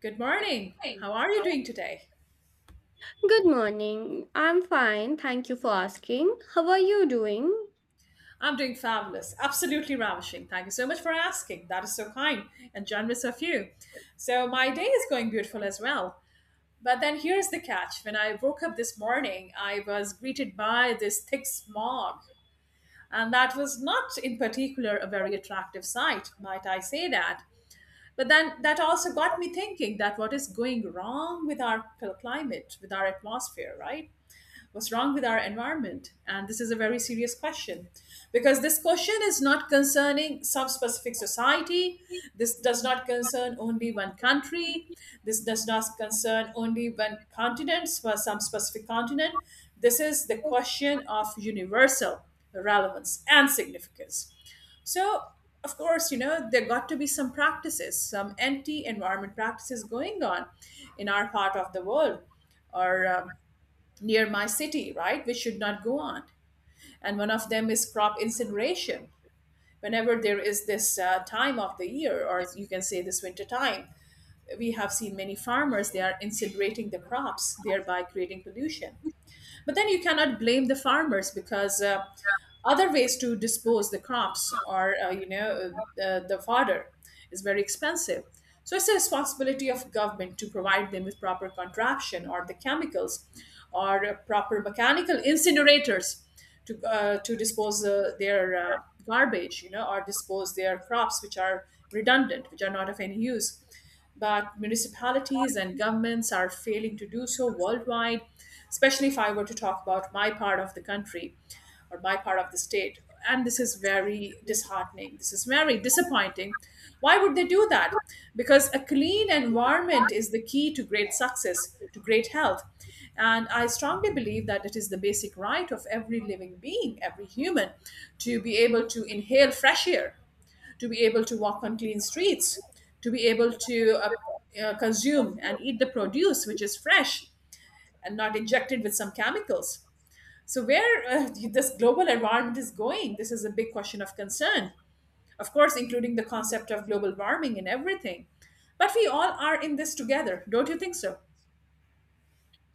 Good morning. How are you doing today? I'm doing fabulous, absolutely ravishing. Thank you so much for asking. That is so kind and generous of you. So, my day is going beautiful as well. But then here's the catch, when I woke up this morning, I was greeted by this thick smog, and that was not in particular a very attractive sight, might I say that. But then that also got me thinking that what is going wrong with our climate, with our atmosphere, right? What's wrong with our environment? And this is a very serious question because this question is not concerning some specific society. This does not concern only one country. This does not concern only one continent, for some specific continent. This is the question of universal relevance and significance. So, of course, you know, there got to be some practices, some anti environment practices going on in our part of the world or near my city, right, which should not go on. And one of them is crop incineration. Whenever there is this time of the year, or you can say this winter time, we have seen many farmers they are incinerating the crops, thereby creating pollution. But then you cannot blame the farmers because other ways to dispose the crops or the fodder is very expensive. So it's the responsibility of government to provide them with proper contraption or the chemicals or proper mechanical incinerators to dispose their garbage, you know, or dispose their crops which are redundant, which are not of any use, but municipalities and governments are failing to do so worldwide, especially if I were to talk about my part of the country or my part of the state. And this is very disheartening. This is very disappointing. Why would they do that? Because a clean environment is the key to great success, to great health. And I strongly believe that it is the basic right of every living being, every human, to be able to inhale fresh air, to be able to walk on clean streets, to be able to consume and eat the produce which is fresh and not injected with some chemicals. So, where this global environment is going, this is a big question of concern. Of course, including the concept of global warming and everything. But we all are in this together, don't you think so?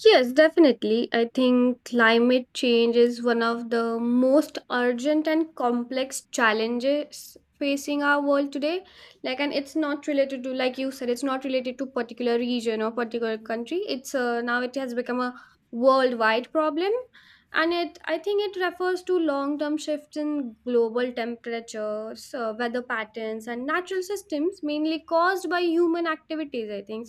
Yes, definitely. I think climate change is one of the most urgent and complex challenges facing our world today. Like, and it's not related to, like you said, it's not related to particular region or particular country. It's now it has become a worldwide problem, and it I think it refers to long-term shifts in global temperatures, weather patterns, and natural systems, mainly caused by human activities. I think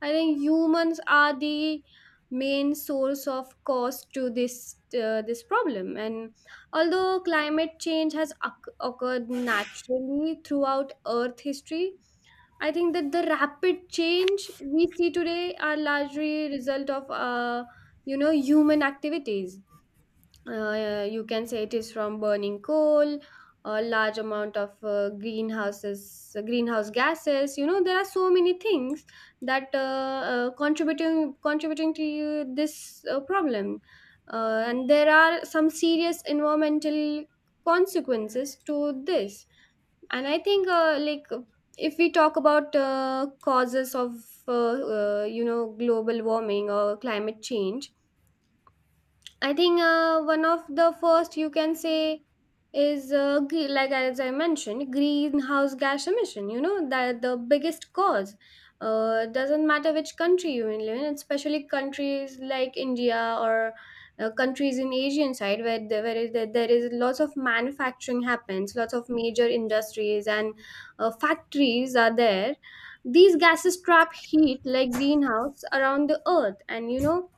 I think humans are the main source of cause to this problem. And although climate change has occurred naturally throughout earth history, I think that the rapid change we see today are largely result of human activities. You can say it is from burning coal, a large amount of greenhouse gases. You know, there are so many things that contributing to you this problem. And there are some serious environmental consequences to this. And I think if we talk about causes of global warming or climate change, I think one of the first you can say is like as I mentioned, greenhouse gas emission. You know that the biggest cause. Doesn't matter which country you live in, especially countries like India or countries in Asian side where there is lots of manufacturing happens, lots of major industries and factories are there. These gases trap heat like greenhouse around the earth, and you know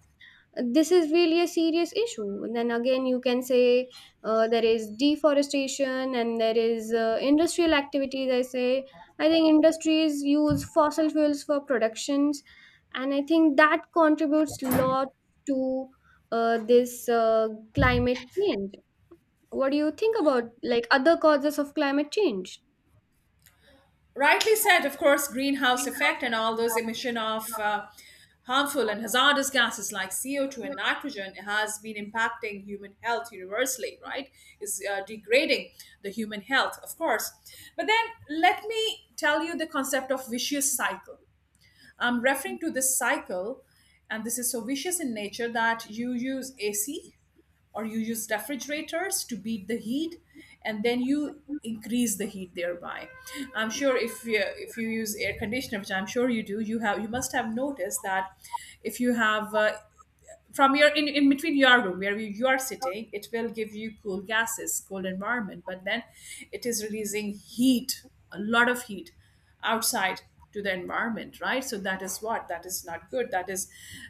this is really a serious issue. And then again you can say there is deforestation and there is industrial activities, I say I think industries use fossil fuels for productions, and I think that contributes a lot to this climate change. What do you think about like other causes of climate change? Rightly said. Of course, greenhouse effect and all those emission of harmful and hazardous gases like co2 and nitrogen has been impacting human health universally, right, is degrading the human health, of course. But then let me tell you the concept of vicious cycle. I'm referring to this cycle, and this is so vicious in nature that you use AC or you use refrigerators to beat the heat, and then you increase the heat thereby. I'm sure if you use air conditioner, which I'm sure you do, you have, you must have noticed that if you have from your in between your room where you are sitting, it will give you cool gases, cold environment, but then it is releasing heat, a lot of heat, outside to the environment, right? So that is what, that is not good, that is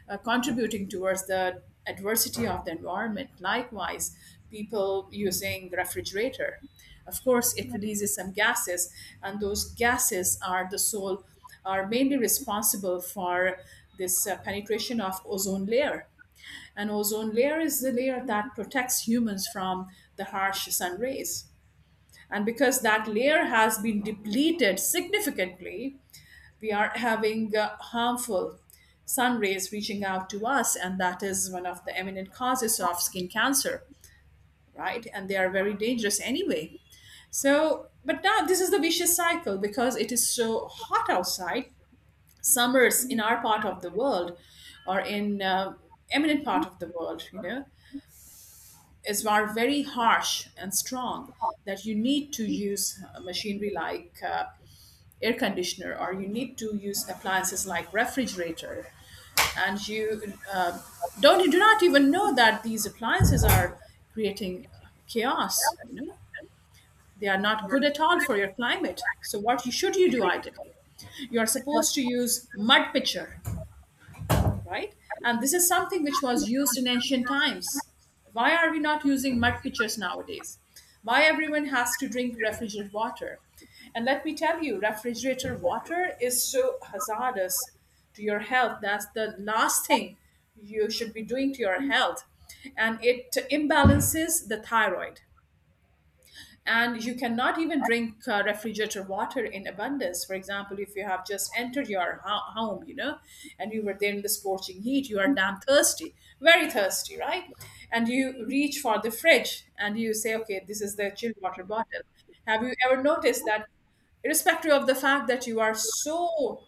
contributing towards the adversity of the environment. Likewise, people using refrigerator, of course it releases some gases, and those gases are the sole, are mainly responsible for this penetration of ozone layer. An ozone layer is the layer that protects humans from the harsh sun rays. And because that layer has been depleted significantly, we are having harmful sun rays reaching out to us, and that is one of the eminent causes of skin cancer, right? And they are very dangerous anyway. So, but now this is the vicious cycle because it is so hot outside. Summers in our part of the world or in eminent part of the world, you know, is are very harsh and strong that you need to use machinery like air conditioner, or you need to use appliances like refrigerator, and you don't you do not even know that these appliances are creating chaos, you know, they are not good at all for your climate. So what should you do ideally? You are supposed to use mud pitcher, right? And this is something which was used in ancient times. Why are we not using mud pitchers nowadays? Why everyone has to drink refrigerated water? And let me tell you, refrigerated water is so hazardous to your health. That's the last thing you should be doing to your health. And it imbalances the thyroid, and you cannot even drink refrigerator water in abundance. For example, if you have just entered your home, you know, and you were there in the scorching heat, you are damn thirsty, very thirsty, right, and you reach for the fridge and you say, okay, this is the chilled water bottle. Have you ever noticed that irrespective of the fact that you are so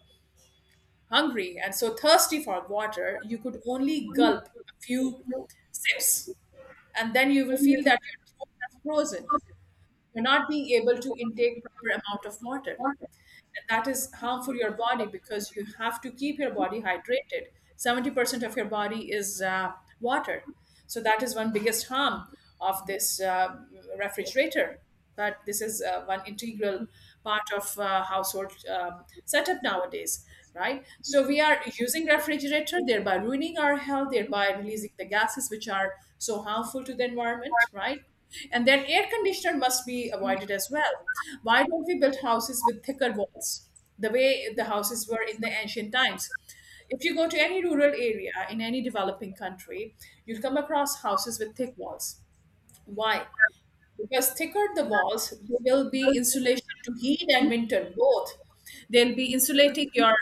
hungry and so thirsty for water, you could only gulp a few sips, and then you will feel that your throat has frozen, you're not being able to intake proper amount of water. That is harmful to your body because you have to keep your body hydrated. 70% of your body is water. So that is one biggest harm of this refrigerator, but this is one integral part of household setup nowadays, right? So we are using refrigerator, thereby ruining our health, thereby releasing the gases which are so harmful to the environment, right? And then air conditioner must be avoided as well. Why don't we build houses with thicker walls, the way the houses were in the ancient times? If you go to any rural area in any developing country, you'll come across houses with thick walls. Why? Because thicker the walls, there will be insulation to heat and winter both. They'll be insulating your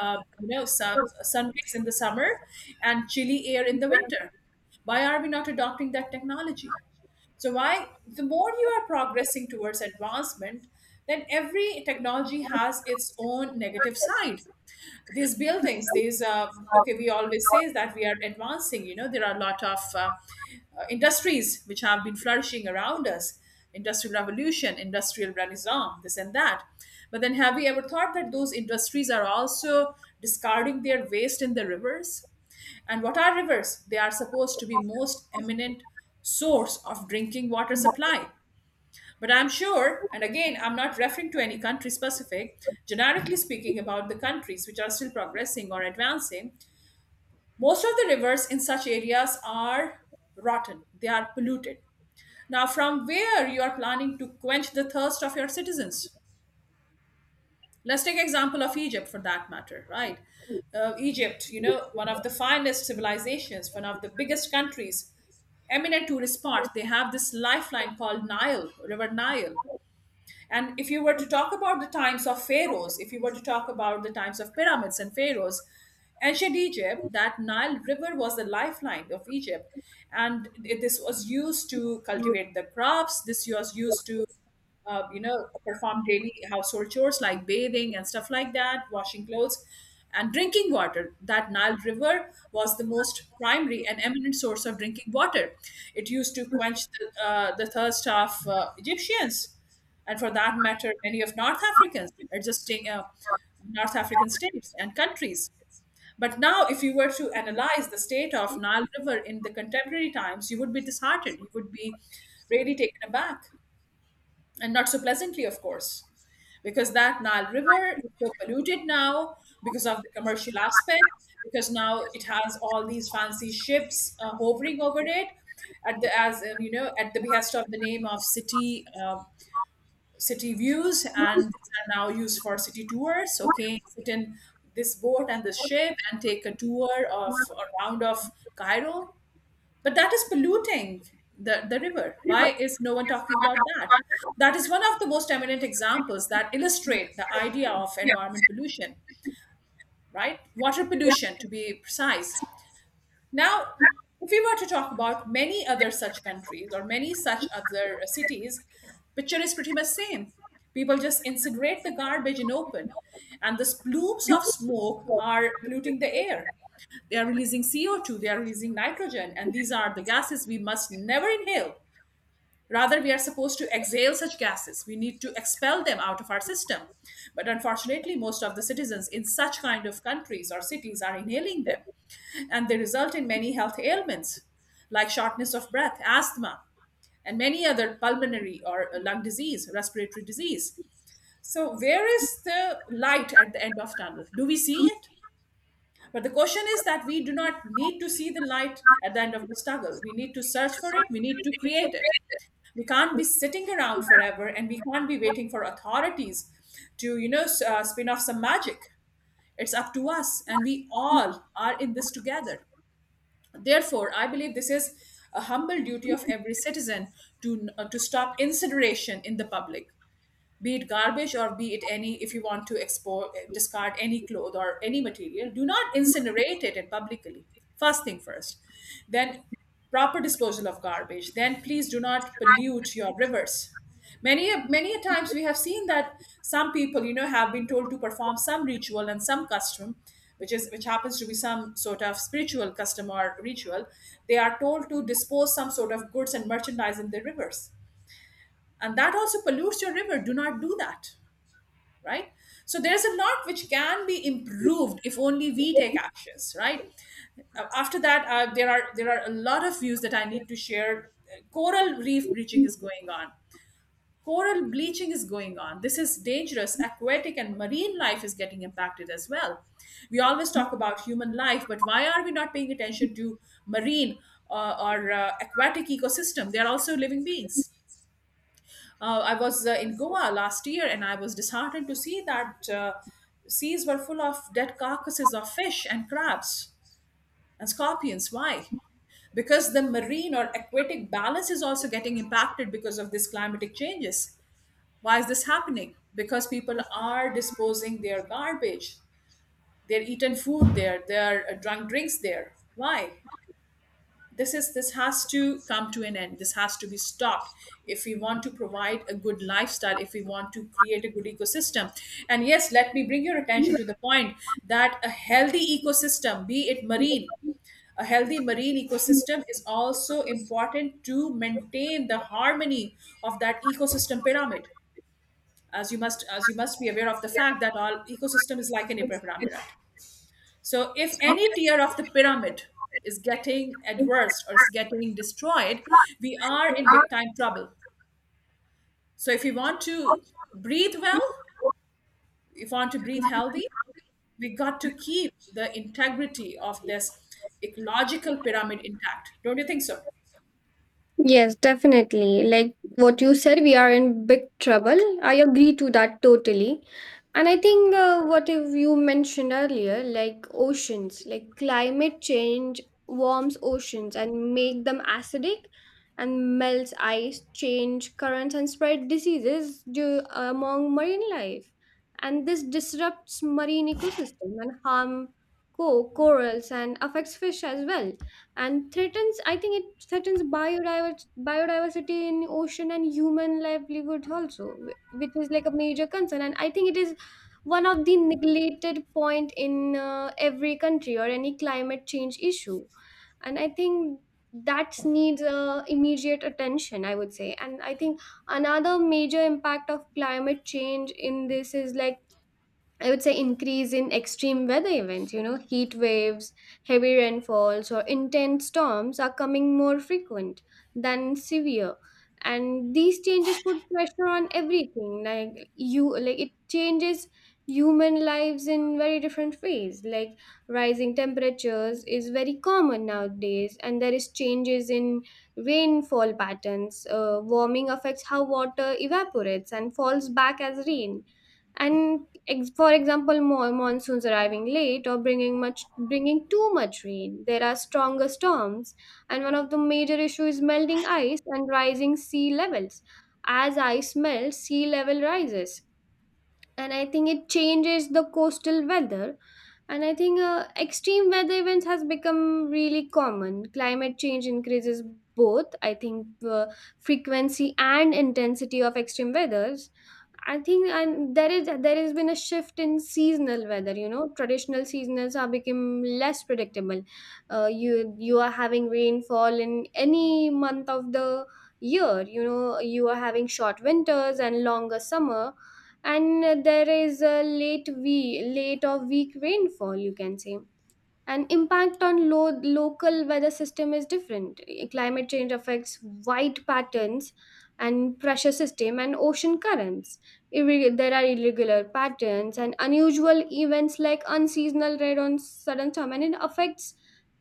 sun rays in the summer and chilly air in the winter. Why are we not adopting that technology? So why, the more you are progressing towards advancement, then every technology has its own negative side. These buildings, these okay, we always say that we are advancing, you know, there are a lot of industries which have been flourishing around us, industrial revolution, industrial renaissance, this and that, but then have you ever thought that those industries are also discarding their waste in the rivers? And what are rivers? They are supposed to be most eminent source of drinking water supply. But I'm sure, and again, I'm not referring to any country specific, generically speaking about the countries which are still progressing or advancing, most of the rivers in such areas are rotten, they are polluted. Now, from where you are planning to quench the thirst of your citizens? Let's take example of Egypt for that matter, right? Egypt, you know, one of the finest civilizations, one of the biggest countries, eminent tourist spots. They have this lifeline called Nile, River Nile. And if you were to talk about the times of pharaohs, if you were to talk about the times of pyramids and pharaohs, ancient Egypt, that Nile River was the lifeline of Egypt. And this was used to cultivate the crops, this was used to you know, perform daily household chores like bathing and stuff like that, washing clothes and drinking water. That Nile River was the most primary and eminent source of drinking water. It used to quench the thirst of Egyptians, and for that matter, many of north africans adjusting North African states and countries. But now if you were to analyze the state of Nile River in the contemporary times, you would be disheartened, you would be really taken aback, and not so pleasantly, of course, because that Nile River is so polluted now because of the commercial aspect, because now it has all these fancy ships hovering over it, at the as you know, at the behest of the name of city views, and these are now used for city tours. Okay, sit in this boat and this ship and take a tour of a round of Cairo, but that is polluting the river. Why is no one talking about that? That is one of the most eminent examples that illustrate the idea of environment pollution, right? Water pollution, to be precise. Now, if we were to talk about many other such countries or many such other cities, picture is pretty much same. People just incinerate the garbage in open, and the plumes of smoke are polluting the air. They are releasing CO2, they are releasing nitrogen, and these are the gases we must never inhale. Rather, we are supposed to exhale such gases. We need to expel them out of our system. But unfortunately, most of the citizens in such kind of countries or cities are inhaling them. And they result in many health ailments like shortness of breath, asthma, and many other pulmonary or lung disease, respiratory disease. So, where is the light at the end of tunnel? Do we see it? But the question is that we do not need to see the light at the end of the struggle. We need to search for it, we need to create it. We can't be sitting around forever and we can't be waiting for authorities to, spin off some magic. It's up to us, and we all are in this together. Therefore, I believe this is a humble duty of every citizen to stop incineration in the public, be it garbage or be it any. If you want to export discard any cloth or any material, do not incinerate it and publicly. First thing first, then proper disposal of garbage. Then please do not pollute your rivers. Many a times we have seen that some people, you know, have been told to perform some ritual and some custom, which happens to be some sort of spiritual custom or ritual. They are told to dispose some sort of goods and merchandise in the rivers, and that also pollutes your river. Do not do that, right? So there's a lot which can be improved if only we take actions, right? After that, there are a lot of views that I need to share. Coral reef bleaching is going on. Coral bleaching is going on. This is dangerous. Aquatic and marine life is getting impacted as well. We always talk about human life, but why are we not paying attention to marine or aquatic ecosystem? They are also living beings. I was in Goa last year, and I was disheartened to see that seas were full of dead carcasses of fish and crabs and scorpions. Why? Because the marine or aquatic balance is also getting impacted because of these climatic changes. Why is this happening? Because people are disposing their garbage, they're eaten food there, they're drunk drinks there. Why? This has to come to an end. This has to be stopped if we want to provide a good lifestyle, if we want to create a good ecosystem. And yes, let me bring your attention to the point that a healthy ecosystem, be it marine, a healthy marine ecosystem is also important to maintain the harmony of that ecosystem pyramid. As you must be aware of the fact that all ecosystem is like an pyramid. So if any tier of the pyramid is getting adverse or is getting destroyed, we are in big time trouble. So if you want to breathe well, if you want to breathe healthy, we got to keep the integrity of this ecological pyramid intact. Don't you think so? Yes, definitely. Like what you said, we are in big trouble. I agree to that totally. And I think what if you mentioned earlier, like oceans, like climate change warms oceans and make them acidic and melts ice, change currents and spread diseases due, among marine life. And this disrupts marine ecosystem and harm corals and affects fish as well, and threatens, I think it threatens biodiversity in ocean and human livelihood also, which is like a major concern. And I think it is one of the neglected point in every country or any climate change issue. And I think that needs immediate attention I would say. And I think another major impact of climate change in this is like, I would say, increase in extreme weather events, you know, heat waves, heavy rainfalls, or intense storms are coming more frequent than severe. And these changes put pressure on everything. Like you, like it changes human lives in very different ways. Like rising temperatures is very common nowadays, and there is changes in rainfall patterns. Warming affects how water evaporates and falls back as rain. And for example monsoons arriving late or bringing too much rain, there are stronger storms. And one of the major issues is melting ice and rising sea levels. As ice melts, sea level rises, and I think it changes the coastal weather. And I think extreme weather events has become really common. Climate change increases both, I think, uh, frequency and intensity of extreme weathers, I think. And there has been a shift in seasonal weather. You know, traditional seasonals are become less predictable. uh, you you are having rainfall in any month of the year. You know, you are having short winters and longer summer, and there is a late or weak rainfall you can say. And impact on local weather system is different. Eh, climate change affects wide patterns and pressure system and ocean currents. There are irregular patterns and unusual events like unseasonal rain on sudden storm, and it affects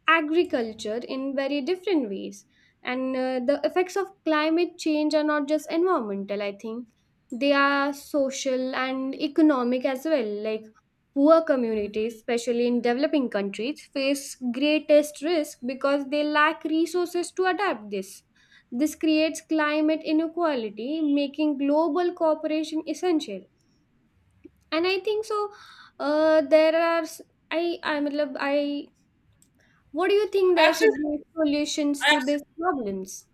agriculture in very different ways. And the effects of climate change are not just environmental, I think they are social and economic as well. Like poor communities, especially in developing countries, face greatest risk because they lack resources to adapt this. This creates climate inequality, making global cooperation essential. And I think so. There are I, what do you think I there should absolutely, be solutions I to these problems?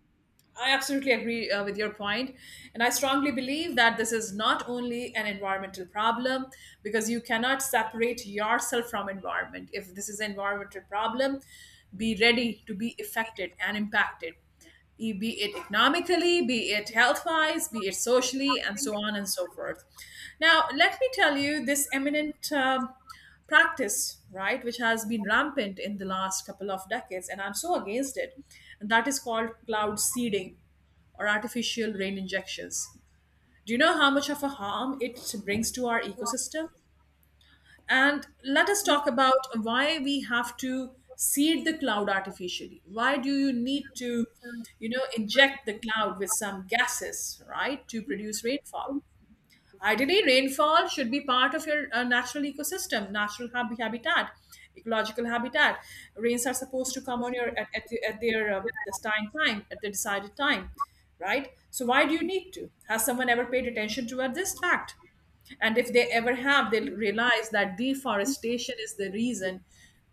I absolutely agree with your point, and I strongly believe that this is not only an environmental problem because you cannot separate yourself from environment. If this is an environmental problem, be ready to be affected and impacted, be it economically, be it health-wise, be it socially, and so on and so forth. Now, let me tell you, this eminent practice, right, which has been rampant in the last couple of decades, and I'm so against it. And that is called cloud seeding or artificial rain injections. Do you know how much of a harm it brings to our ecosystem? And let us talk about why we have to seed the cloud artificially. Why do you need to, you know, inject the cloud with some gases, right, to produce rainfall? Ideally, rainfall should be part of your natural ecosystem, natural habitat, ecological habitat. Rains are supposed to come on your at their destined time, at the decided time, right? So why do you need to? Has someone ever paid attention to this fact? And if they ever have, they'll realize that deforestation is the reason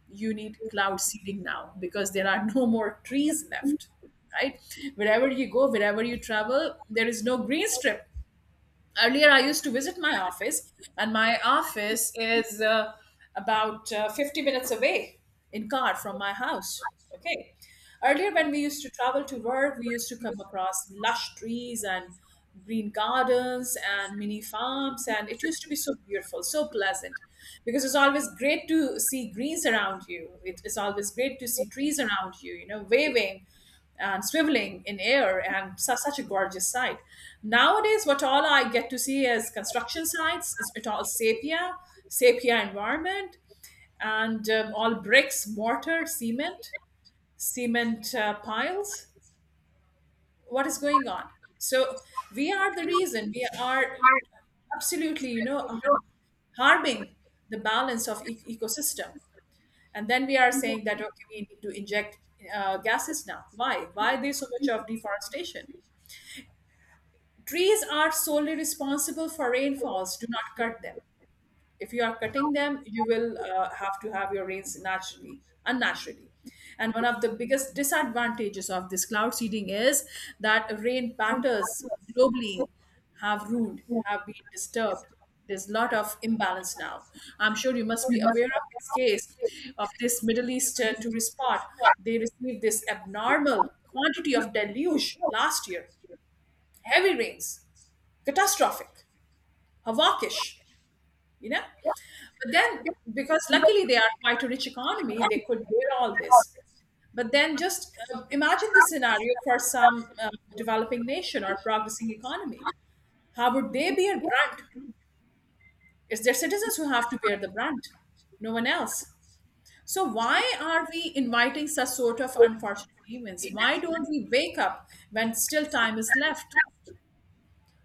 you need cloud seeding now because there are no more trees left, right? Wherever you go, wherever you travel, there is no green strip. Earlier I used to visit my office, and my office is about 50 minutes away in car from my house. Okay, earlier when we used to travel to work, we used to come across lush trees and green gardens and mini farms, and it used to be so beautiful, so pleasant, because it's always great to see greens around you. It is always great to see trees around you, you know, waving and swiveling in air, and such a gorgeous sight. Nowadays, what all I get to see is construction sites. It's it all sepia, sepia environment, and all bricks, mortar, cement, cement piles. What is going on? So we are the reason. We are absolutely, you know, harming the balance of ecosystem. And then we are saying that okay, we need to inject gases now. Why? Why there's so much of deforestation? Trees are solely responsible for rainfalls. Do not cut them. If you are cutting them, you will have to have your rains naturally unnaturally. And one of the biggest disadvantages of this cloud seeding is that rain patterns globally have been disturbed. There's a lot of imbalance now. I'm sure you must be aware of this case of this middle eastern tourist spot. They received this abnormal quantity of deluge last year, heavy rains, catastrophic, havocish, you know. But then, because luckily they are quite a rich economy, they could bear all this. But then, just imagine the scenario for some developing nation or progressing economy. How would they bear brunt? It's their citizens who have to bear the brunt, no one else. So why are we inviting such sort of unfortunate events? Why don't we wake up when still time is left?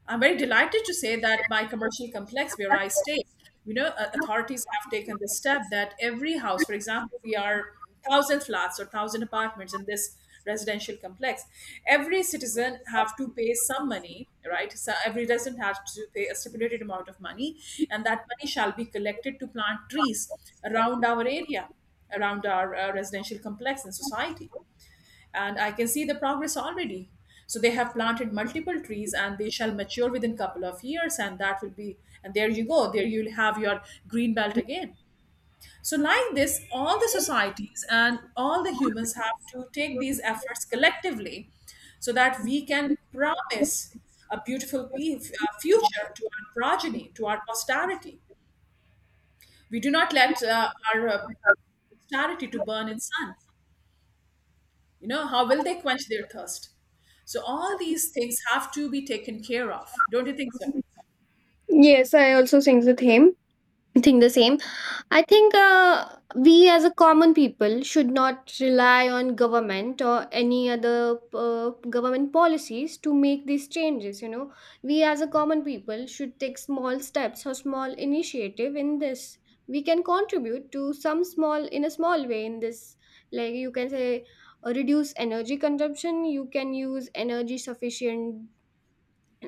I'm very delighted to say that my commercial complex where I stay, you know, authorities have taken this step that every house, for example, we are thousand flats or thousand apartments in this residential complex. Every citizen have to pay some money, right? So every resident has to pay a stipulated amount of money, and that money shall be collected to plant trees around our area, around our residential complex and society, and I can see the progress already. So they have planted multiple trees and they shall mature within couple of years, and that will be and there you go, there you'll have your green belt again. So like this, all the societies and all the humans have to take these efforts collectively so that we can promise a beautiful future to our progeny, to our posterity. We do not let our posterity to burn in sun. You know, how will they quench their thirst? So all these things have to be taken care of. Don't you think so? Yes, I also think the same. think the same. I think we as a common people should not rely on government or any other government policies to make these changes. You know, we as a common people should take small steps or small initiative in this. We can contribute to some small in a small way in this. Like you can say, reduce energy consumption. You can use energy sufficient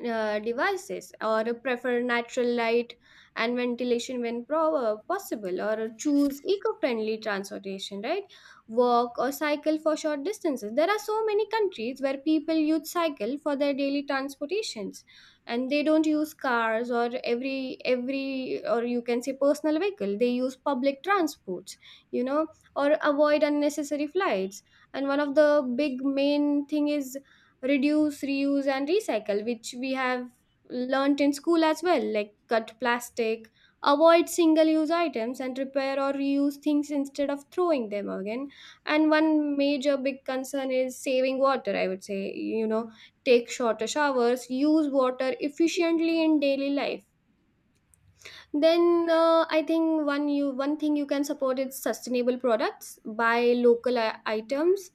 devices or prefer natural light and ventilation when possible, or choose eco-friendly transportation. Right, walk or cycle for short distances. There are so many countries where people use cycle for their daily transportations, and they don't use cars, or every or you can say personal vehicle, they use public transports, you know, or avoid unnecessary flights. And one of the big main thing is reduce, reuse and recycle, which we have learnt in school as well, like cut plastic, avoid single use items, and repair or reuse things instead of throwing them again. And one major big concern is saving water, I would say. You know, take shorter showers, use water efficiently in daily life. Then I think one thing you can support is sustainable products, buy local items,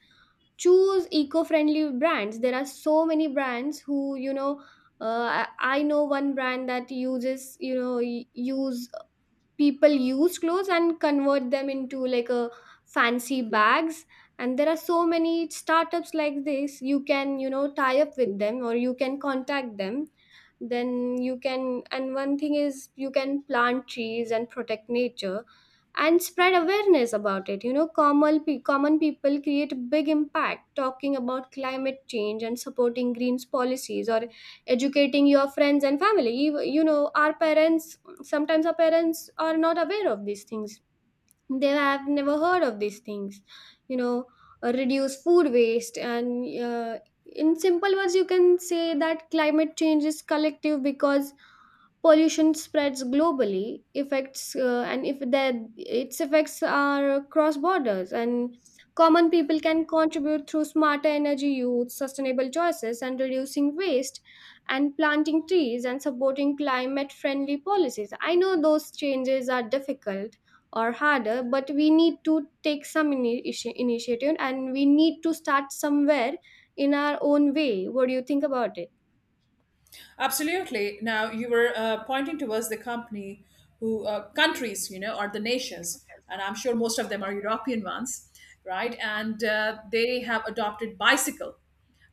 choose eco-friendly brands. There are so many brands who, you know, I know one brand that uses, you know, y- use people use clothes and convert them into like a fancy bags. And there are so many startups like this. You can, you know, tie up with them, or you can contact them. Then you can and one thing is, you can plant trees and protect nature, and spread awareness about it. You know, common, common people create big impact talking about climate change and supporting greens policies, or educating your friends and family. You know, our parents sometimes our parents are not aware of these things. They have never heard of these things, you know. Reduce food waste. And uh, in simple words, you can say that climate change is collective because pollution spreads globally, affects and if that its effects are cross borders, and common people can contribute through smarter energy use, sustainable choices and reducing waste and planting trees and supporting climate friendly policies. I know those changes are difficult or harder, but we need to take some initiative, and we need to start somewhere in our own way. What do you think about it? Absolutely. Now you were pointing towards the company who countries, you know, or the nations, and I'm sure most of them are european ones, right? And they have adopted bicycle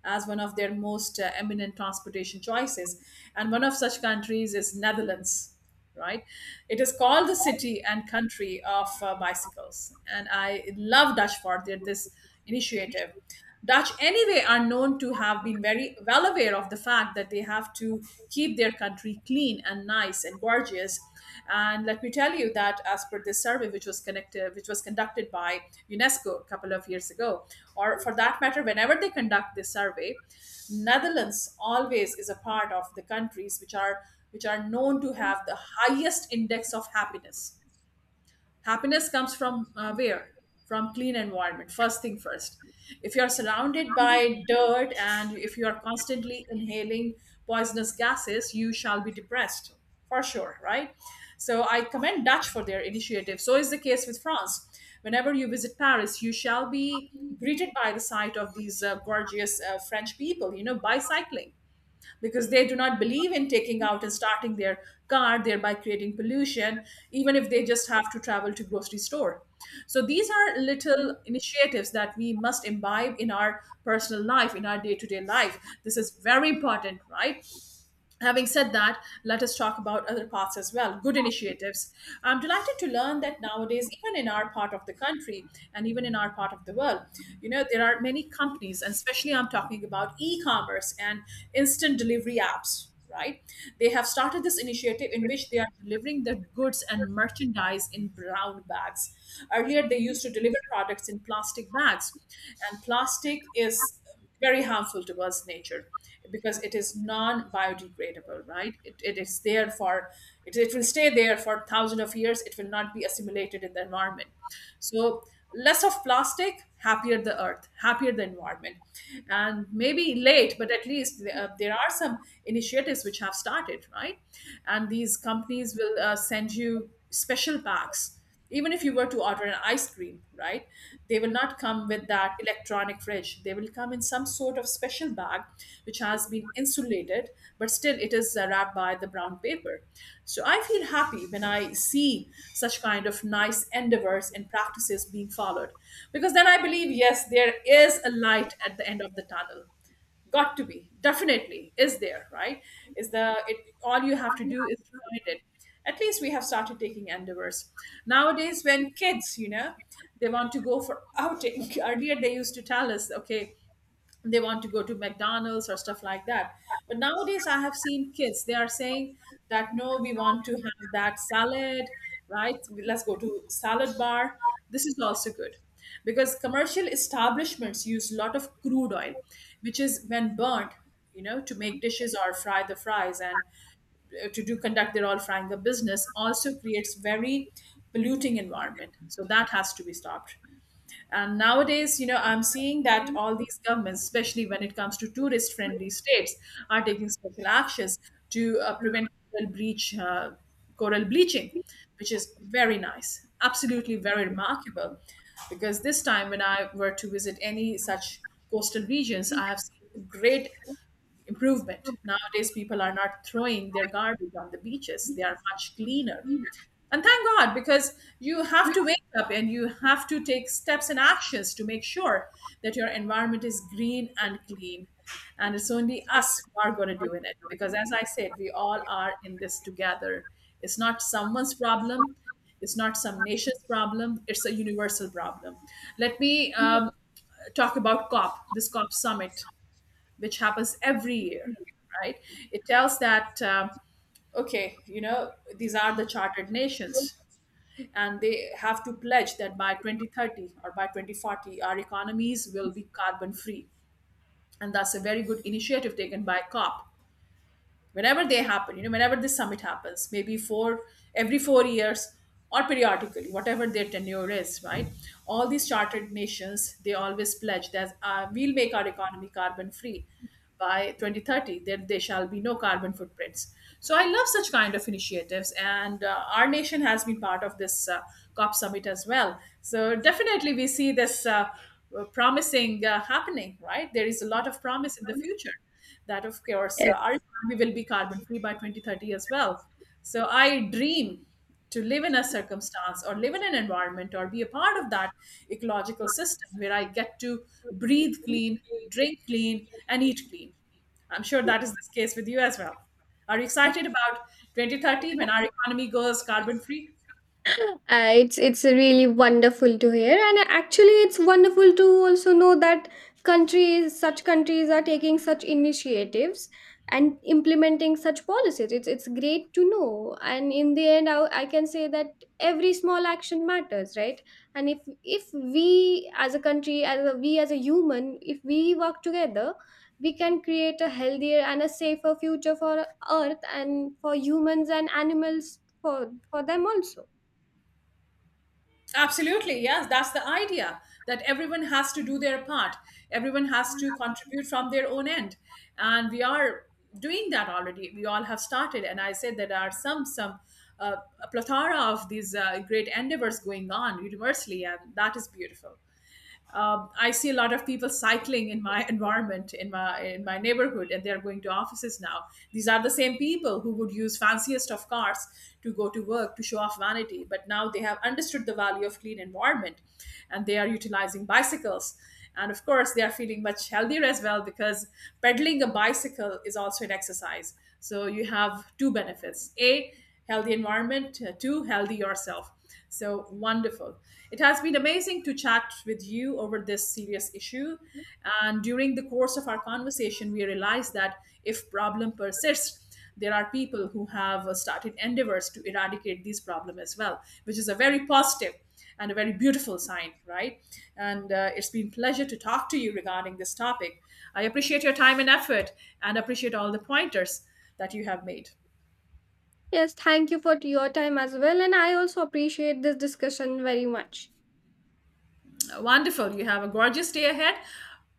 as one of their most eminent transportation choices, and one of such countries is Netherlands, right? It is called the city and country of bicycles, and I love dutch for their, this initiative. Dutch anyway are known to have been very well aware of the fact that they have to keep their entire country clean and nice and gorgeous. And let me tell you that as per this survey, which was conducted by UNESCO a couple of years ago, or for that matter, whenever they conduct this survey, Netherlands always is a part of the countries which are known to have the highest index of happiness. Happiness comes from where? From clean environment, first thing first. If you are surrounded by dirt and if you are constantly inhaling poisonous gases, you shall be depressed for sure, right? So I commend dutch for their initiative. So is the case with France. Whenever you visit Paris, you shall be greeted by the sight of these gorgeous french people, you know, bicycling, because they do not believe in taking out and starting their car, thereby creating pollution, even if they just have to travel to grocery store. So these are little initiatives that we must imbibe in our personal life, in our day-to-day life. This is very important, right? Having said that, let us talk about other paths as well. Good initiatives. I'm delighted to learn that nowadays, even in our part of the country and even in our part of the world, you know, there are many companies, and especially I'm talking about e commerce and instant delivery apps, right? They have started this initiative in which they are delivering their goods and merchandise in brown bags. Earlier, they used to deliver products in plastic bags, and plastic is very harmful towards nature because it is non-biodegradable. Right, it is there for— it will stay there for thousands of years. It will not be assimilated in the environment. So less of plastic, happier the earth, happier the environment. And maybe late, but at least there are some initiatives which have started, right? And these companies will send you special packs even if you were to order an ice cream, right? They will not come with that electronic fridge. They will come in some sort of special bag which has been insulated, but still it is wrapped by the brown paper. So I feel happy when I see such kind of nice endeavors and practices being followed, because then I believe yes, there is a light at the end of the tunnel. Got to be, definitely is there, right? Is the— it, all you have to do is to find it. At least we have started taking endeavors. Nowadays when kids, you know, they want to go for outing. Earlier they used to tell us okay, they want to go to McDonald's or stuff like that. But nowadays, I have seen kids, they are saying that no, we want to have that salad, right? Let's go to salad bar. This is also good because commercial establishments use a lot of crude oil, which is when burnt, you know, to make dishes or fry the fries and to do conduct their all frying the business also creates very polluting environment. So that has to be stopped. And nowadays, you know, I'm seeing that all these governments, especially when it comes to tourist friendly states, are taking special actions to prevent coral, breach, coral bleaching, which is very nice, absolutely very remarkable. Because this time, when I were to visit any such coastal regions, I have seen great improvement. Nowadays, people are not throwing their garbage on the beaches, they are much cleaner. And thank God, because you have to wake up and you have to take steps and actions to make sure that your environment is green and clean. And it's only us who are going to do in it. Because as I said, we all are in this together. It's not someone's problem, it's not some nation's problem, it's a universal problem. Let me talk about COP, this COP summit, which happens every year, right? It tells that. Okay, you know, these are the chartered nations and they have to pledge that by 2030 or by 2040 our economies will be carbon free, and that's a very good initiative taken by COP. Whenever they happen, you know, whenever this summit happens, maybe four— every 4 years, or periodically whatever their tenure is, right? All these chartered nations, they always pledge that we'll make our economy carbon free by 2030. There shall be no carbon footprints. So I love such kind of initiatives, and our nation has been part of this COP summit as well. So definitely we see this promising happening, right? There is a lot of promise in the future that of course our Yes. economy will be carbon free by 2030 as well. So I dream to live in a circumstance or live in an environment or be a part of that ecological system where I get to breathe clean, drink clean and eat clean. I'm sure that is the case with you as well. Are you excited about 2030 when our economy goes carbon free? It's really wonderful to hear, and actually, it's wonderful to also know that countries, such countries, are taking such initiatives and implementing such policies. It's great to know, and in the end, I can say that every small action matters, right? And if we as a country, as a, we as a human, if we work together, we can create a healthier and a safer future for Earth and for humans and animals, for them also. Absolutely, yes, that's the idea that everyone has to do their part, everyone has to contribute from their own end, and we are doing that already. We all have started, and I said there are some uh, a plethora of these great endeavors going on universally, and that is beautiful. I see a lot of people cycling in my environment, in my neighborhood, and they're going to offices now. These are the same people who would use fanciest of cars to go to work to show off vanity, but now they have understood the value of clean environment, and they are utilizing bicycles. And of course, they are feeling much healthier as well because pedaling a bicycle is also an exercise. So you have two benefits: a healthy environment, healthy yourself. So wonderful. It has been amazing to chat with you over this serious issue, and during the course of our conversation we realized that if problem persists, there are people who have started endeavors to eradicate these problem as well, which is a very positive and a very beautiful sign, right? And it's been pleasure to talk to you regarding this topic. I appreciate your time and effort, and appreciate all the pointers that you have made. Yes, thank you for your time as well. And I also appreciate this discussion very much. Wonderful. You have a gorgeous day ahead,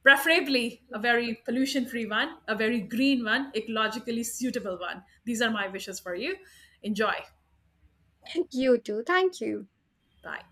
preferably a very pollution free one, a very green one, ecologically suitable one. These are my wishes for you. Enjoy. You too. Thank you. Bye.